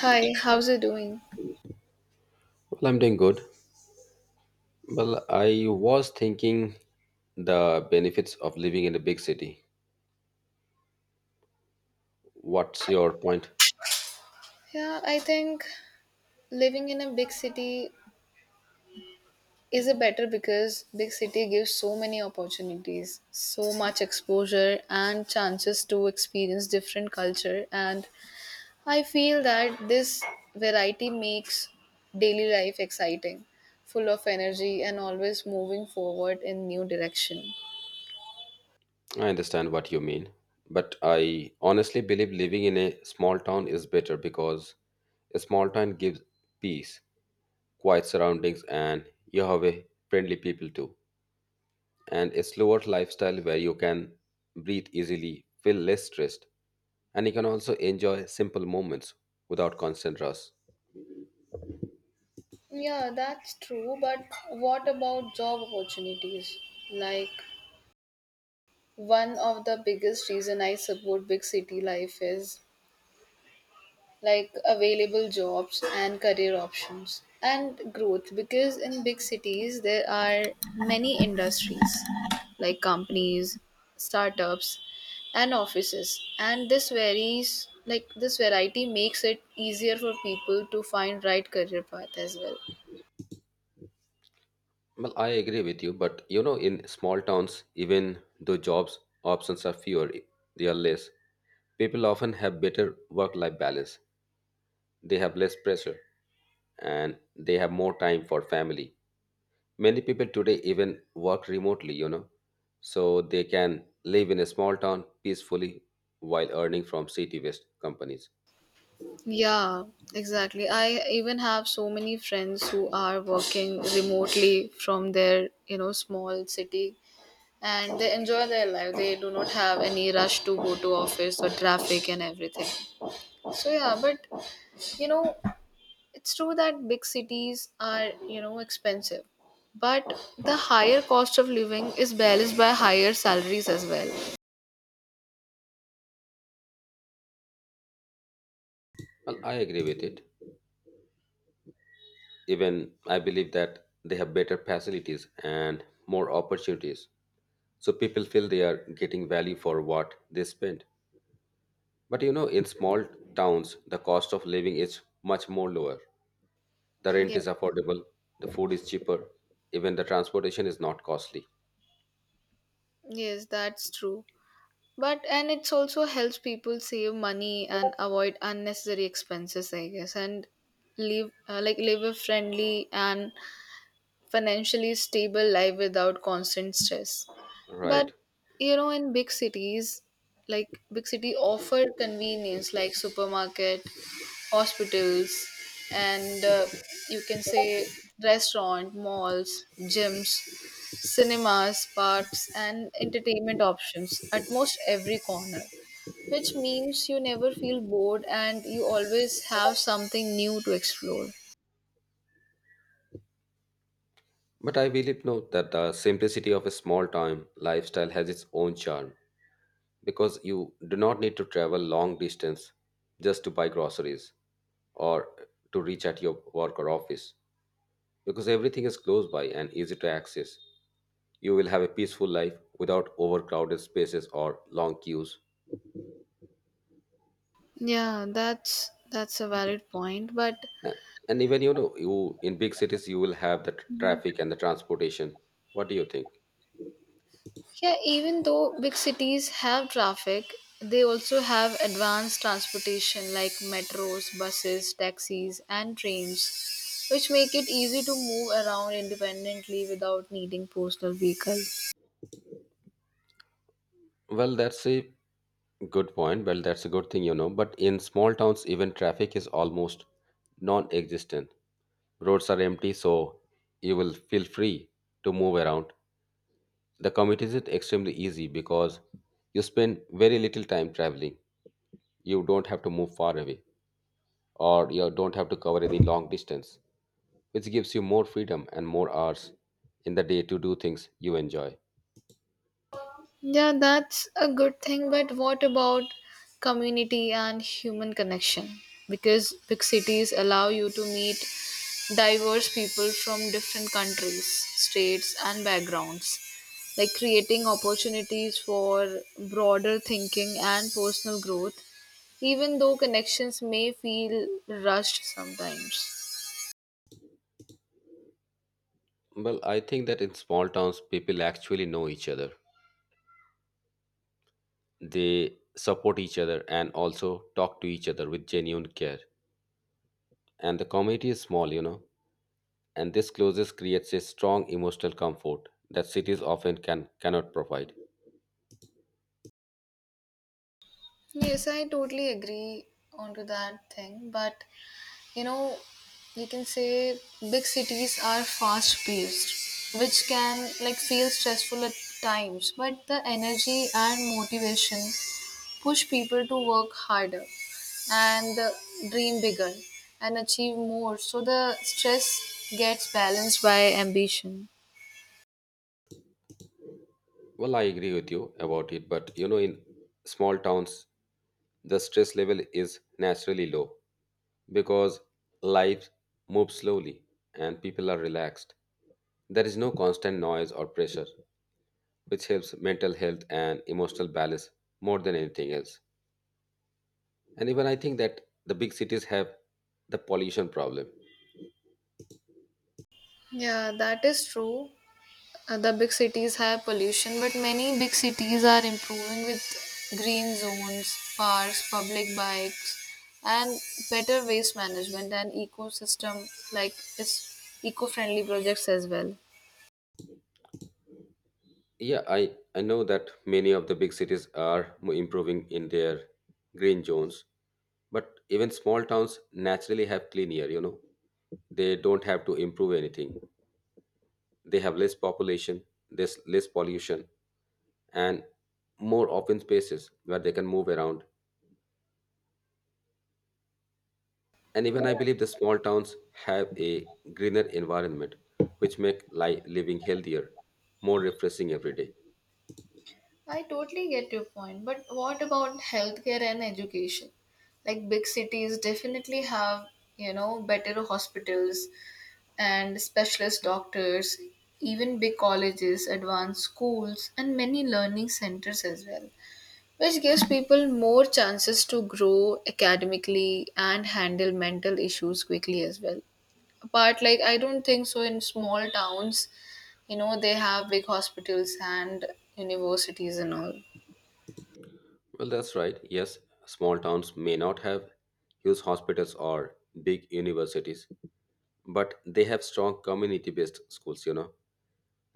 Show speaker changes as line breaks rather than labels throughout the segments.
Hi, how's it doing?
Well, I'm doing good. Well, I was thinking the benefits of living in a big city. What's your point?
Yeah, I think living in a big city is a better because big city gives so many opportunities, so much exposure and chances to experience different culture, and I feel that this variety makes daily life exciting, full of energy and always moving forward in new direction.
I understand what you mean, but I honestly believe living in a small town is better because a small town gives peace, quiet surroundings, and you have a friendly people too, and a slower lifestyle where you can breathe easily, feel less stressed, and you can also enjoy simple moments without constant rush.
Yeah, that's true, but what about job opportunities? Like one of the biggest reason I support big city life is like available jobs and career options and growth, because in big cities there are many industries like companies, startups, and offices, and this varies like this variety makes it easier for people to find right career path as well.
Well, I agree with you, but you know, in small towns, even though jobs options are fewer, they are less. People often have better work life balance. They have less pressure and they have more time for family. Many people today even work remotely, you know, so they can live in a small town peacefully while earning from city based companies.
Yeah, exactly. I even have so many friends who are working remotely from their small city, and they enjoy their life. They do not have any rush to go to office or traffic and everything. So yeah, but you know, it's true that big cities are expensive. But the higher cost of living is balanced by higher salaries as well.
Well, I agree with it. Even I believe that they have better facilities and more opportunities so people feel they are getting value for what they spend, but you know, in small towns the cost of living is much more lower, the rent
Yeah.
is affordable, the food is cheaper, even the transportation is not costly.
Yes, that's true. But and it's also helps people save money and avoid unnecessary expenses, I guess, and live a friendly and financially stable life without constant stress. But
Right,
you know, in big cities, like big city offer convenience like supermarket, hospitals, and you can say restaurant, malls, gyms, cinemas, parks, and entertainment options at most every corner, which means you never feel bored and you always have something new to explore.
but I believe no that the simplicity of a small town lifestyle has its own charm because you do not need to travel long distance just to buy groceries or to reach at your work or office because everything is close by and easy to access. You will have a peaceful life without overcrowded spaces or long queues.
Yeah, that's a valid point, but…
A- And even you know, you in big cities, you will have the traffic and the transportation. What do you think?
Yeah, even though big cities have traffic, they also have advanced transportation like metros, buses, taxis, and trains, which make it easy to move around independently without needing personal vehicle.
Well, that's a good point. Well, that's a good thing, you know. But in small towns, even traffic is almost non existent. Roads are empty, so you will feel free to move around. The commute is extremely easy because you spend very little time traveling. You don't have to move far away, or you don't have to cover any long distance, which gives you more freedom and more hours in the day to do things you enjoy.
Yeah, that's a good thing, but what about community and human connection? Because big cities allow you to meet diverse people from different countries, states, and backgrounds, like creating opportunities for broader thinking and personal growth, even though connections may feel rushed sometimes.
Well, I think that in small towns, people actually know each other. They support each other and also talk to each other with genuine care. And the community is small, you know, and this closeness creates a strong emotional comfort that cities often cannot provide.
Yes, I totally agree onto that thing, but you know you can say big cities are fast paced, which can like feel stressful at times, but the energy and motivation push people to work harder and dream bigger and achieve more, so the stress gets balanced by ambition.
Well, I agree with you about it, but you know, in small towns, the stress level is naturally low because life moves slowly and people are relaxed. There is no constant noise or pressure, which helps mental health and emotional balance more than anything else. And even I think that the big cities have the pollution problem.
Yeah, that is true. The big cities have pollution, but many big cities are improving with green zones, parks, public bikes, and better waste management and ecosystem, like it's eco-friendly projects as well.
Yeah, I know that many of the big cities are improving in their green zones, but even small towns naturally have clean air, you know. They don't have to improve anything. They have less population, less pollution, and more open spaces where they can move around. And even I believe the small towns have a greener environment, which make life living healthier, more refreshing every day.
I totally get your point, but what about healthcare and education? Like big cities definitely have better hospitals and specialist doctors, even big colleges, advanced schools, and many learning centers as well, which gives people more chances to grow academically and handle mental issues quickly as well. Apart, like, I don't think so, in small towns they have big hospitals and universities and all.
Well, that's right. Yes, small towns may not have huge hospitals or big universities, but they have strong community based schools, you know,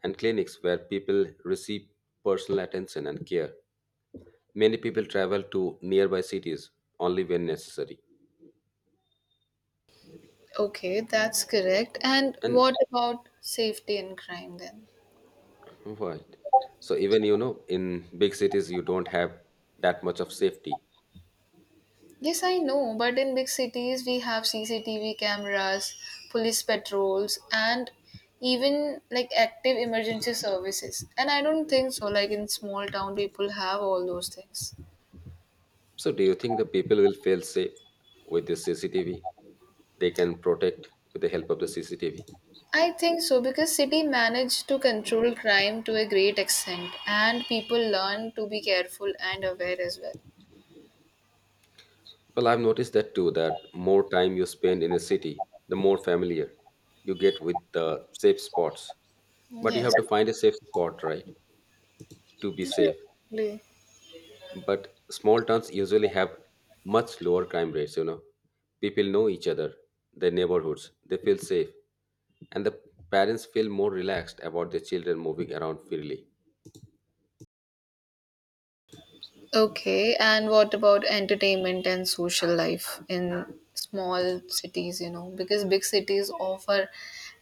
and clinics where people receive personal attention and care. Many people travel to nearby cities only when necessary.
Okay, that's correct. And
And
what about safety and crime then?
right. So even you know, in big cities you don't have that much of safety.
Yes, I know, but in big cities we have CCTV cameras, police patrols, and even like active emergency services. And I don't think so, like in small town, people have all those things.
So do you think the people will feel safe with the CCTV? They can protect with the help of the CCTV.
I think so, because city managed to control crime to a great extent, and people learn to be careful and aware as well.
Well, I've noticed that too, that more time you spend in a city, the more familiar you get with the safe spots. But you
Yes,
have to find a safe spot, right? To be safe.
exactly.
But small towns usually have much lower crime rates, you know. People know each other, their neighborhoods, they feel safe, and the parents feel more relaxed about their children moving around freely.
Okay, and what about entertainment and social life in small cities, you know? Because big cities offer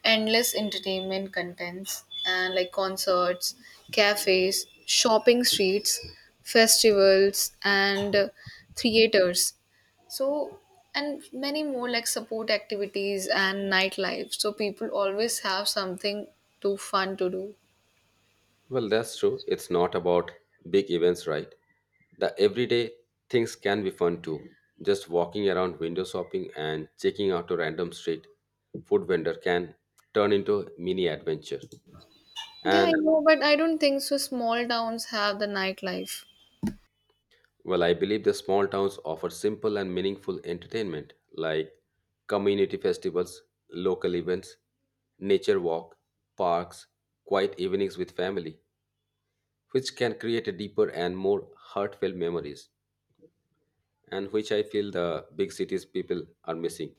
endless entertainment contents and like concerts, cafes, shopping streets, festivals, and theaters. So, and many more like support activities and nightlife. So, people always have something too fun to do.
Well, that's true. It's not about big events, right? The everyday things can be fun too. Just walking around window shopping and checking out a random street food vendor can turn into a mini adventure.
Yeah, I
And
know, but I don't think so. Small towns have the nightlife.
well, I believe the small towns offer simple and meaningful entertainment like community festivals, local events, nature walk, parks, quiet evenings with family, which can create a deeper and more heartfelt memories, and which I feel the big cities people are missing.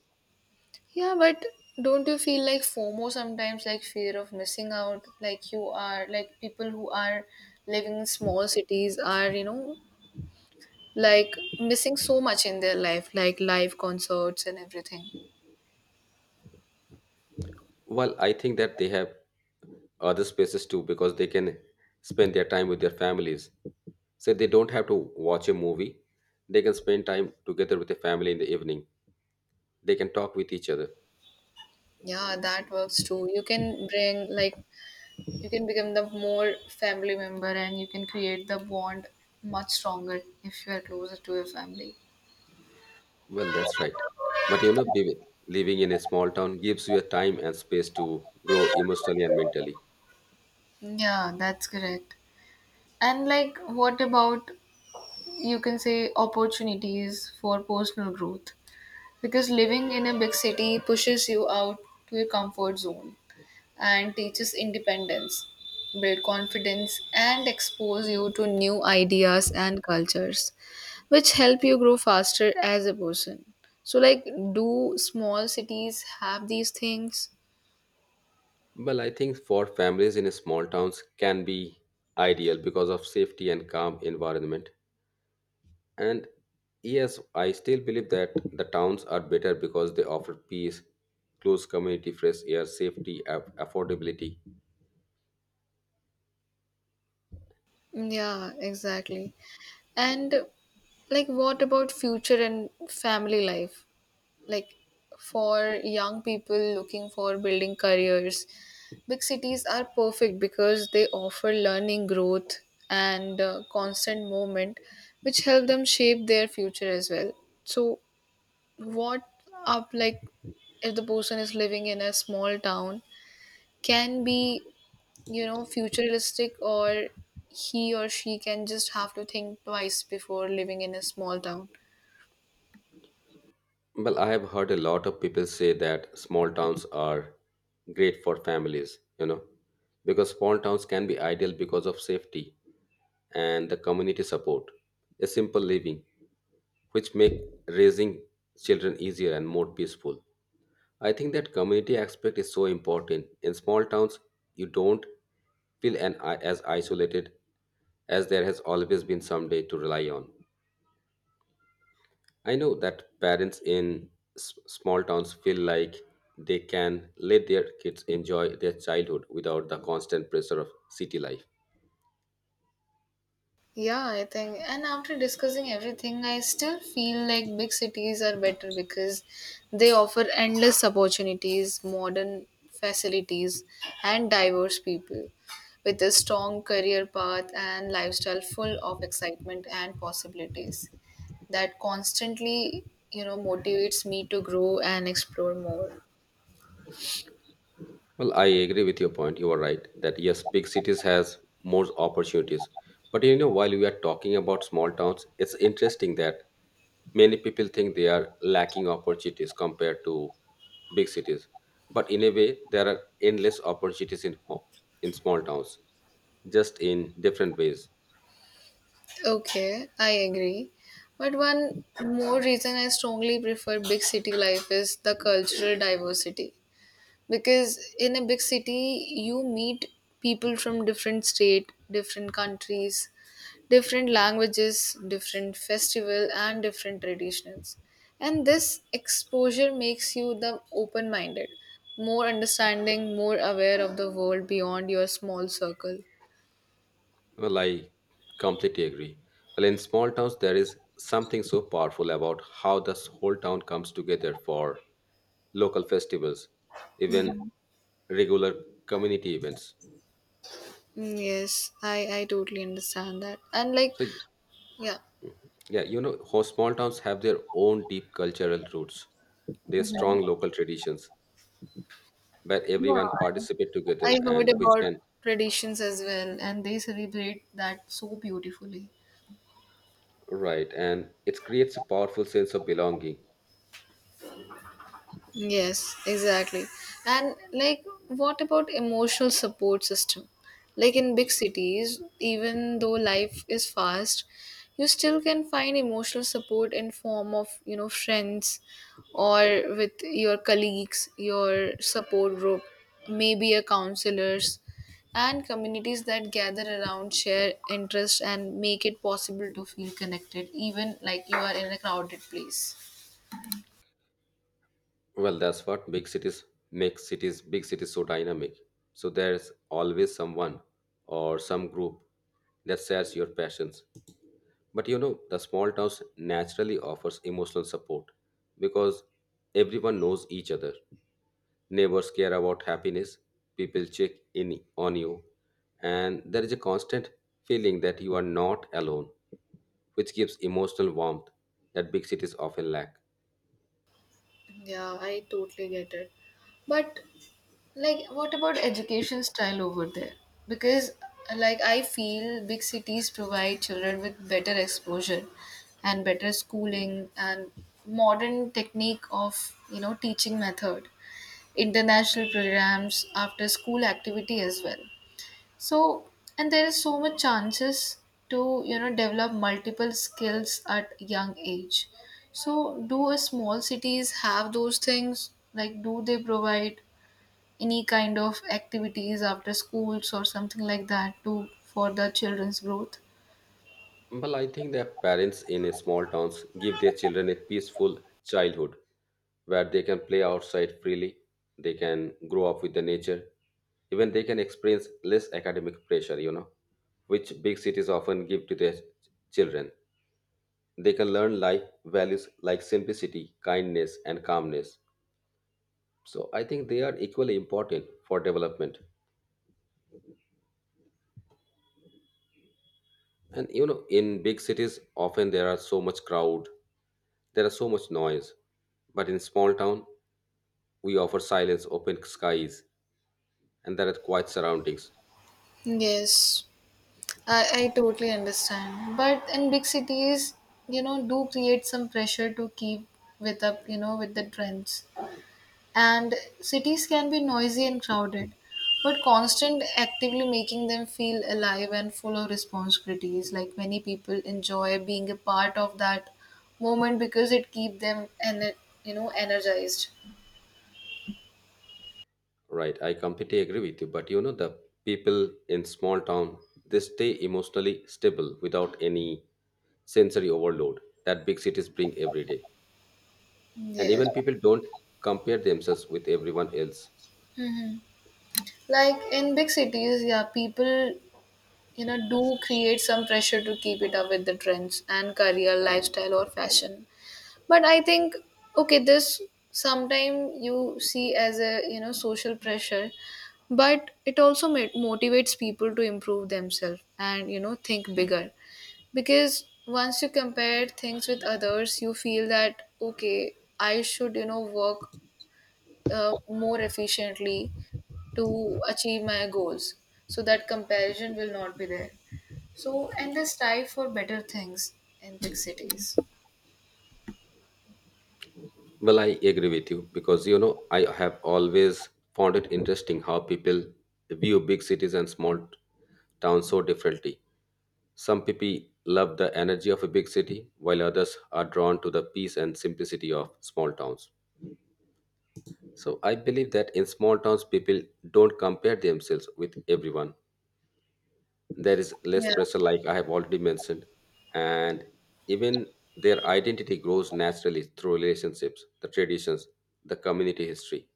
Yeah, but don't you feel like FOMO sometimes, like fear of missing out? Like you are, like people who are living in small cities are, like missing so much in their life, like live concerts and everything.
Well, I think that they have other spaces too because they can spend their time with their families. So they don't have to watch a movie. They can spend time together with the family in the evening. They can talk with each other.
Yeah, that works too. You can bring, like, you can become the more family member, and you can create the bond much stronger if you are closer to your family.
Well, that's right. But you know, living in a small town gives you a time and space to grow emotionally and mentally.
Yeah, that's correct. And like, what about, you can say, opportunities for personal growth, because living in a big city pushes you out to your comfort zone and teaches independence, build confidence, and expose you to new ideas and cultures, which help you grow faster as a person. So, like, do small cities have these things?
Well, I think for families in small towns can be ideal because of safety and calm environment. And yes, I still believe that the towns are better because they offer peace, close community, fresh air, safety, affordability.
Yeah, exactly. And like, what about future and family life? Like for young people looking for building careers, big cities are perfect because they offer learning, growth, and constant movement, which help them shape their future as well. So what up, like, if the person is living in a small town can be futuristic, or he or she can just have to think twice before living in a small town.
Well, I have heard a lot of people say that small towns are great for families, you know, because small towns can be ideal because of safety and the community support, a simple living, which make raising children easier and more peaceful. I think that community aspect is so important. In small towns, you don't feel an, as isolated as there has always been someday to rely on. I know that parents in small towns feel like they can let their kids enjoy their childhood without the constant pressure of city life.
Yeah, I think. And after discussing everything, I still feel like big cities are better because they offer endless opportunities, modern facilities, and diverse people, with a strong career path and lifestyle full of excitement and possibilities that constantly motivates me to grow and explore more.
Well, I agree with your point. You are right that yes, big cities has more opportunities. But you know, while we are talking about small towns, it's interesting that many people think they are lacking opportunities compared to big cities. But in a way, there are endless opportunities in in small towns, just in different ways.
Okay, I agree. But one more reason I strongly prefer big city life is the cultural diversity, because in a big city you meet people from different state, different countries, different languages, different festival, and different traditions, and this exposure makes you the open minded, more understanding, more aware of the world beyond your small circle.
Well, I completely agree. Well, in small towns, there is something so powerful about how the whole town comes together for local festivals, even regular community events.
Mm, yes, I totally understand that, and like…
So,
Yeah.
yeah, you know, how small towns have their own deep cultural roots, their
Mhm.
strong local traditions, where everyone
Yeah,
participate
I
together
heard
and which
about
can
traditions as well, and they celebrate that so beautifully.
right, and it creates a powerful sense of belonging.
Yes, exactly. And like, what about emotional support system? Like in big cities, even though life is fast, you still can find emotional support in form of friends, or with your colleagues, your support group, maybe a counselors, and communities that gather around share interests and make it possible to feel connected even like you are in a crowded place.
Well, that's what big cities make cities big cities so dynamic. So there's always someone or some group that shares your passions. But you know, the small towns naturally offers emotional support because everyone knows each other. Neighbors care about happiness, people check in on you, and there is a constant feeling that you are not alone, which gives emotional warmth that big cities often lack.
Yeah, I totally get it. But like what about education style over there? Because like I feel big cities provide children with better exposure and better schooling and modern technique of teaching method, international programs, after school activity as well. So, and there is so much chances to develop multiple skills at young age. So, do a small cities have those things? Like, do they provide any kind of activities after schools or something like that to for the children's growth?
Well, I think that parents in a small towns give their children a peaceful childhood where they can play outside freely, they can grow up with the nature, even they can experience less academic pressure, you know, which big cities often give to their children. They can learn life values like simplicity, kindness, and calmness. So I think they are equally important for development. And you know, in big cities, often there are so much crowd, there are so much noise. But in small town, we offer silence, open skies, and there are quiet surroundings.
Yes, I totally understand. But in big cities do create some pressure to keep with up with the trends. And cities can be noisy and crowded, but constant actively making them feel alive and full of responsibilities. Like many people enjoy being a part of that moment because it keep them and energized.
Right, I completely agree with you. But you know, the people in small town they stay emotionally stable without any sensory overload that big cities bring every day. And
Yes.
even people don't compare themselves with everyone else.
Hmm. Like in big cities, yeah, people do create some pressure to keep it up with the trends and career, lifestyle, or fashion. But I think, okay, this sometime you see as a social pressure, but it also motivates people to improve themselves, and think bigger, because once you compare things with others you feel that, okay, I should you know work more efficiently to achieve my goals so that comparison will not be there. So, and this strive for better things in big cities.
Well, I agree with you because you know I have always found it interesting how people view big cities and small towns so differently. Some people love the energy of a big city, while others are drawn to the peace and simplicity of small towns. So I believe that in small towns, people don't compare themselves with everyone. There is less
Yeah.
pressure, like I have already mentioned, and even their identity grows naturally through relationships, the traditions, the community history.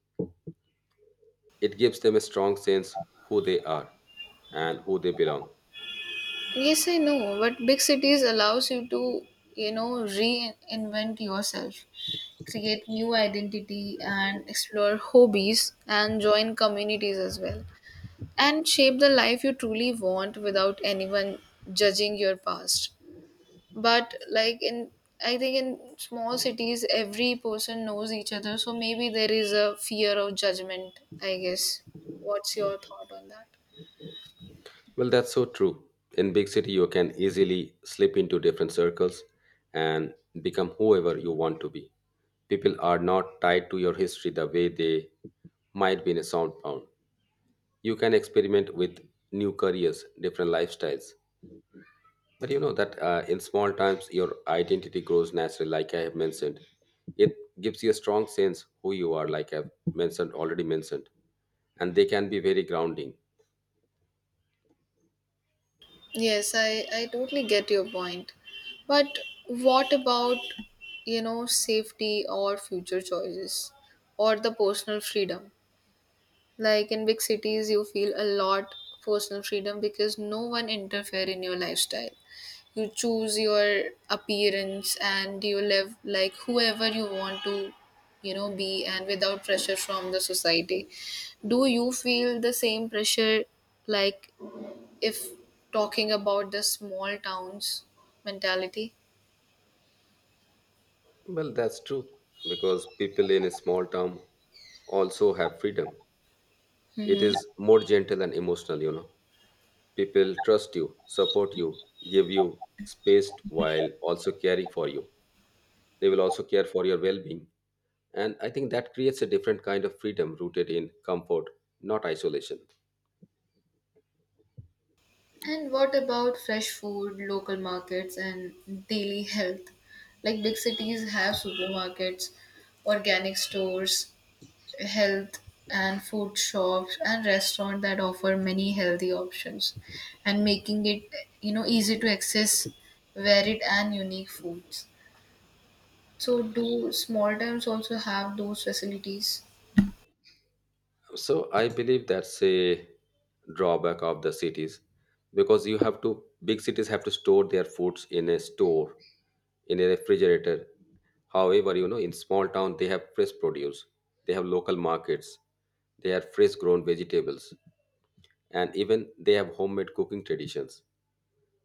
It gives them a strong sense who they are and who they belong.
Yes, I know, but big cities allows you to reinvent yourself, create new identity, and explore hobbies and join communities as well, and shape the life you truly want without anyone judging your past. But like in I think in small cities every person knows each other, so maybe there is a fear of judgment, I guess. What's your thought on that?
Well, that's so true. In big city, you can easily slip into different circles and become whoever you want to be. People are not tied to your history the way they might be in a soundbound. You can experiment with new careers, different lifestyles. But you know that in small times, your identity grows naturally, like I have mentioned. It gives you a strong sense who you are, like I've mentioned already mentioned, and they can be very grounding.
Yes, I totally get your point. But what about safety or future choices or the personal freedom? Like in big cities, you feel a lot personal freedom because no one interfere in your lifestyle. You choose your appearance and you live like whoever you want to be, and without pressure from the society. Do you feel the same pressure, like if talking about the small towns mentality.
Well, that's true because people in a small town also have freedom. It
Mm-hmm.
is more gentle and emotional, you know. People trust you, support you, give you space while also caring for you. They will also care for your well being. And I think that creates a different kind of freedom rooted in comfort, not isolation.
And what about fresh food, local markets, and daily health? Like big cities have supermarkets, organic stores, health and food shops, and restaurants that offer many healthy options and making it easy to access varied and unique foods. So do small towns also have those facilities?
So I believe that's a drawback of the cities because you have to big cities have to store their foods in a store, in a refrigerator. However, you know, in small town they have fresh produce, they have local markets, they have fresh grown vegetables, and even they have homemade cooking traditions,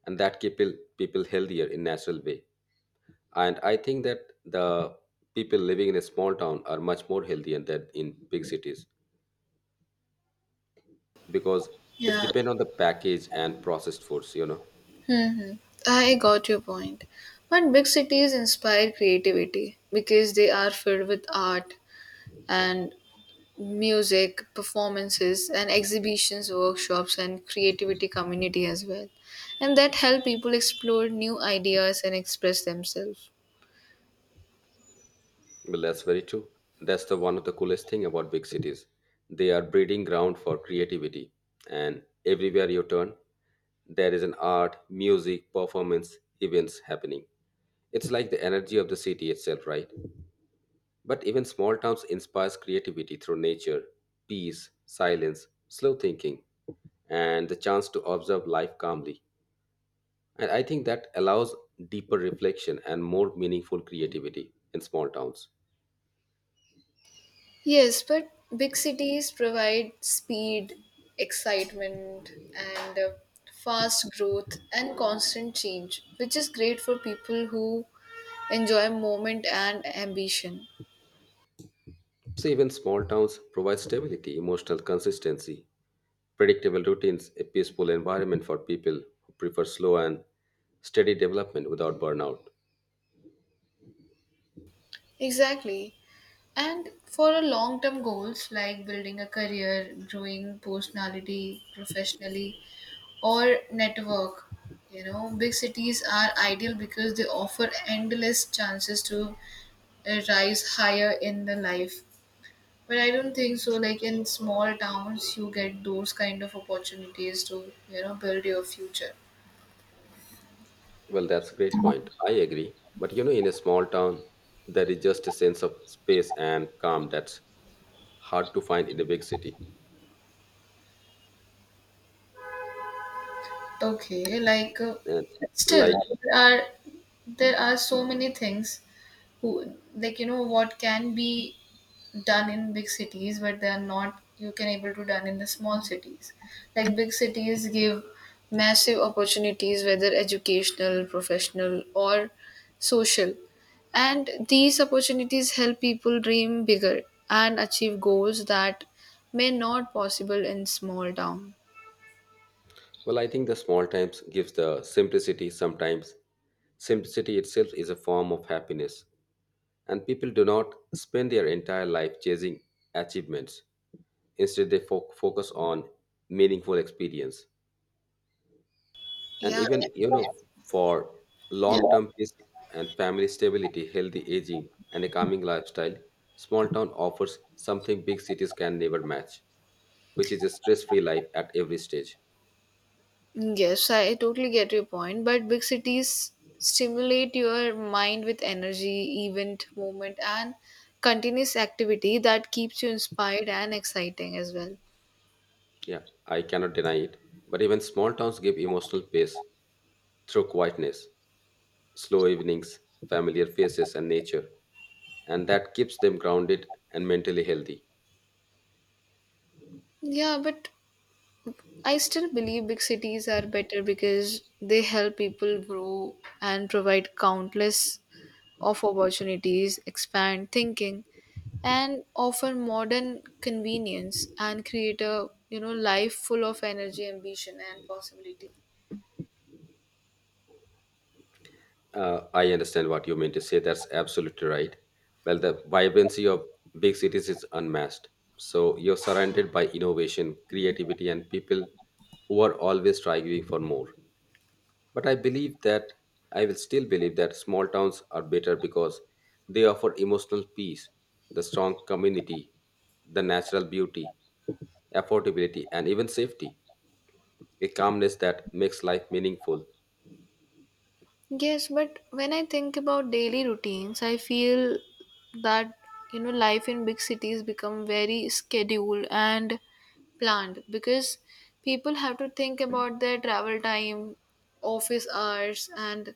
and that keep people healthier in natural way. And I think that the people living in a small town are much more healthy than in big cities because it's
Yeah.
depend on the package and processed foods.
Hmm. I got your point. But big cities inspire creativity because they are filled with art and music, performances and exhibitions, workshops and creativity community as well. And that help people explore new ideas and express themselves.
Well, that's very true. That's the one of the coolest thing about big cities. They are breeding ground for creativity, and everywhere you turn there is an art music performance events happening. It's like the energy of the city itself, right? But even small towns inspires creativity through nature, peace, silence, slow thinking, and the chance to observe life calmly. And I think that allows deeper reflection and more meaningful creativity in small towns.
Yes, but big cities provide speed, excitement, and fast growth and constant change, which is great for people who enjoy moment and ambition.
So, even small towns provide stability, emotional consistency, predictable routines, a peaceful environment for people who prefer slow and steady development without burnout.
Exactly. And for a long term goals like building a career, growing personality professionally, or network, big cities are ideal because they offer endless chances to rise higher in the life. But I don't think so. Like in small towns, you get those kind of opportunities to, build your future.
Well, that's a great point. I agree. But you know, in a small town, there is just a sense of space and calm that's hard to find in a big city.
Okay,
And
still
like
there are there are so many things who like what can be done in big cities but they are not you can able to done in the small cities. Like big cities give massive opportunities whether educational, professional or social. And these opportunities help people dream bigger and achieve goals that may not possible in small town.
Well, I think the small times gives the simplicity sometimes. Simplicity itself is a form of happiness, and people do not spend their entire life chasing achievements. Instead, they focus on meaningful experience. And
Yeah.
even, you know, for
Yeah.
long term peace and family stability, healthy aging, and a calming lifestyle, small town offers something big cities can never match, which is a stress free life at every stage.
Yes, I totally get your point, but big cities stimulate your mind with energy, event, movement, and continuous activity that keeps you inspired and exciting as well.
Yeah, I cannot deny it. But even small towns give emotional pace through quietness, slow evenings, familiar faces, and nature. And that keeps them grounded and mentally healthy.
Yeah, but I still believe big cities are better because they help people grow and provide countless of opportunities, expand thinking, and offer modern convenience and create a life full of energy, ambition, and possibility.
I understand what you mean to say. That's absolutely right. Well, the vibrancy of big cities is unmatched. So you're surrounded by innovation, creativity, and people who are always striving for more. But I believe that I will still believe that small towns are better because they offer emotional peace, the strong community, the natural beauty, affordability, and even safety. A calmness that makes life meaningful.
Yes, but when I think about daily routines, I feel that life in big cities become very scheduled and planned because people have to think about their travel time, office hours and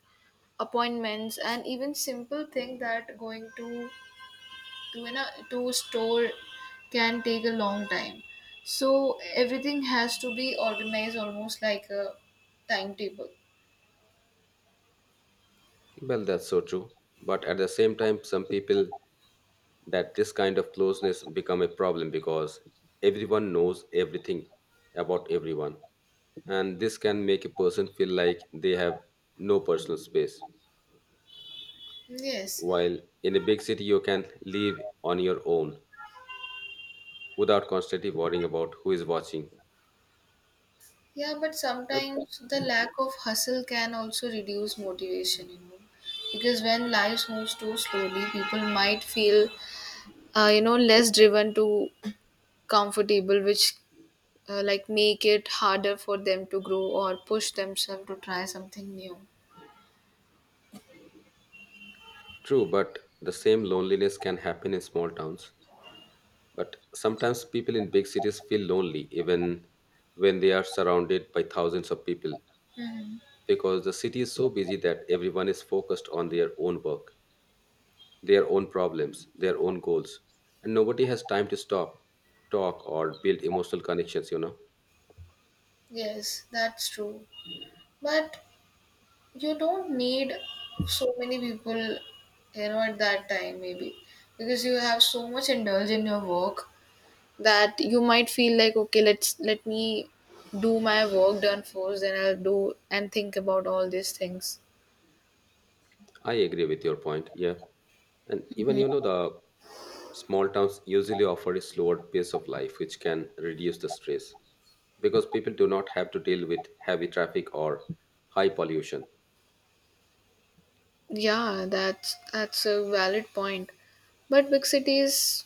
appointments and even simple thing that going to to store can take a long time. So everything has to be organized almost like a timetable.
Well, that's so true. But at the same time, some people that this kind of closeness become a problem because everyone knows everything about everyone. And this can make a person feel like they have no personal space.
Yes.
While in a big city, you can live on your own without constantly worrying about who is watching.
Yeah, but
But
sometimes the lack of hustle can also reduce motivation, because when life moves too slowly, people might feel, less driven to comfortable, which like make it harder for them to grow or push themselves to try something new.
True, but the same loneliness can happen in small towns. But sometimes people in big cities feel lonely even when they are surrounded by thousands of people
Hmm.
because the city is so busy that everyone is focused on their own work, their own problems, their own goals, and nobody has time to stop, talk, or build emotional connections, you know.
Yes, that's true. But you don't need so many people, at that time, maybe, because you have so much indulge in your work that you might feel like okay let me do my work done first and I'll do and think about all these things.
I agree with your point. Yeah. And even, you know, the small towns usually offer a slower pace of life, which can reduce the stress because people do not have to deal with heavy traffic or high pollution.
Yeah, that's a valid point, but big cities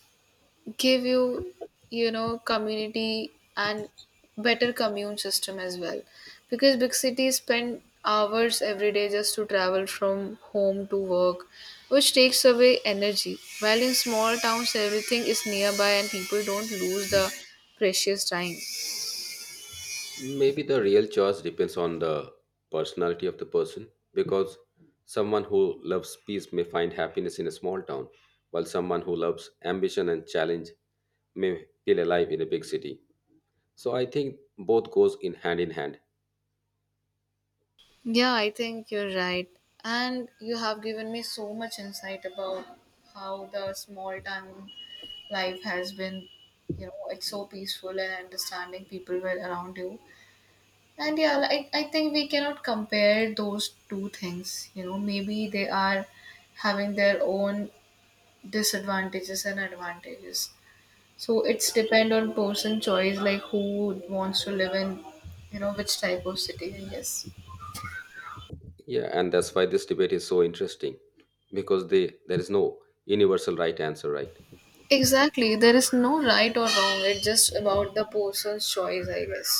give you, you know community and better commune system as well, because big cities spend hours every day just to travel from home to work, which takes away energy, while in small towns everything is nearby and people don't lose the precious time.
Maybe the real choice depends on the personality of the person because someone who loves peace may find happiness in a small town, while someone who loves ambition and challenge may feel alive in a big city. So I think both goes in hand in hand.
Yeah, I think you're right, and you have given me so much insight about how the small town life has been, it's so peaceful and understanding people were around you. And yeah, I think we cannot compare those two things. Maybe they are having their own disadvantages and advantages, so it's depend on person choice, like who wants to live in, which type of city, I guess.
Yeah, and that's why this debate is so interesting because there is no universal right answer, right?
Exactly, there is no right or wrong, it's just about the person's choice, I guess,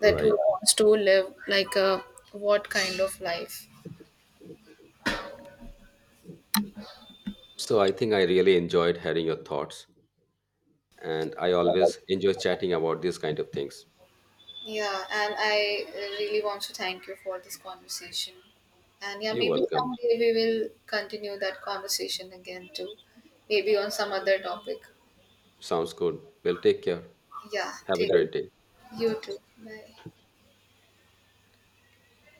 that who
Right.
wants to live like a what kind of life.
So I think I really enjoyed hearing your thoughts, and I always enjoy chatting about these kind of things.
Yeah, and I really want to thank you for this conversation. And yeah,
You're
maybe
welcome.
someday we will continue that conversation again too. Maybe on some other topic.
Sounds good. Well, take care.
Yeah,
Have a
take
great day.
you too. Bye.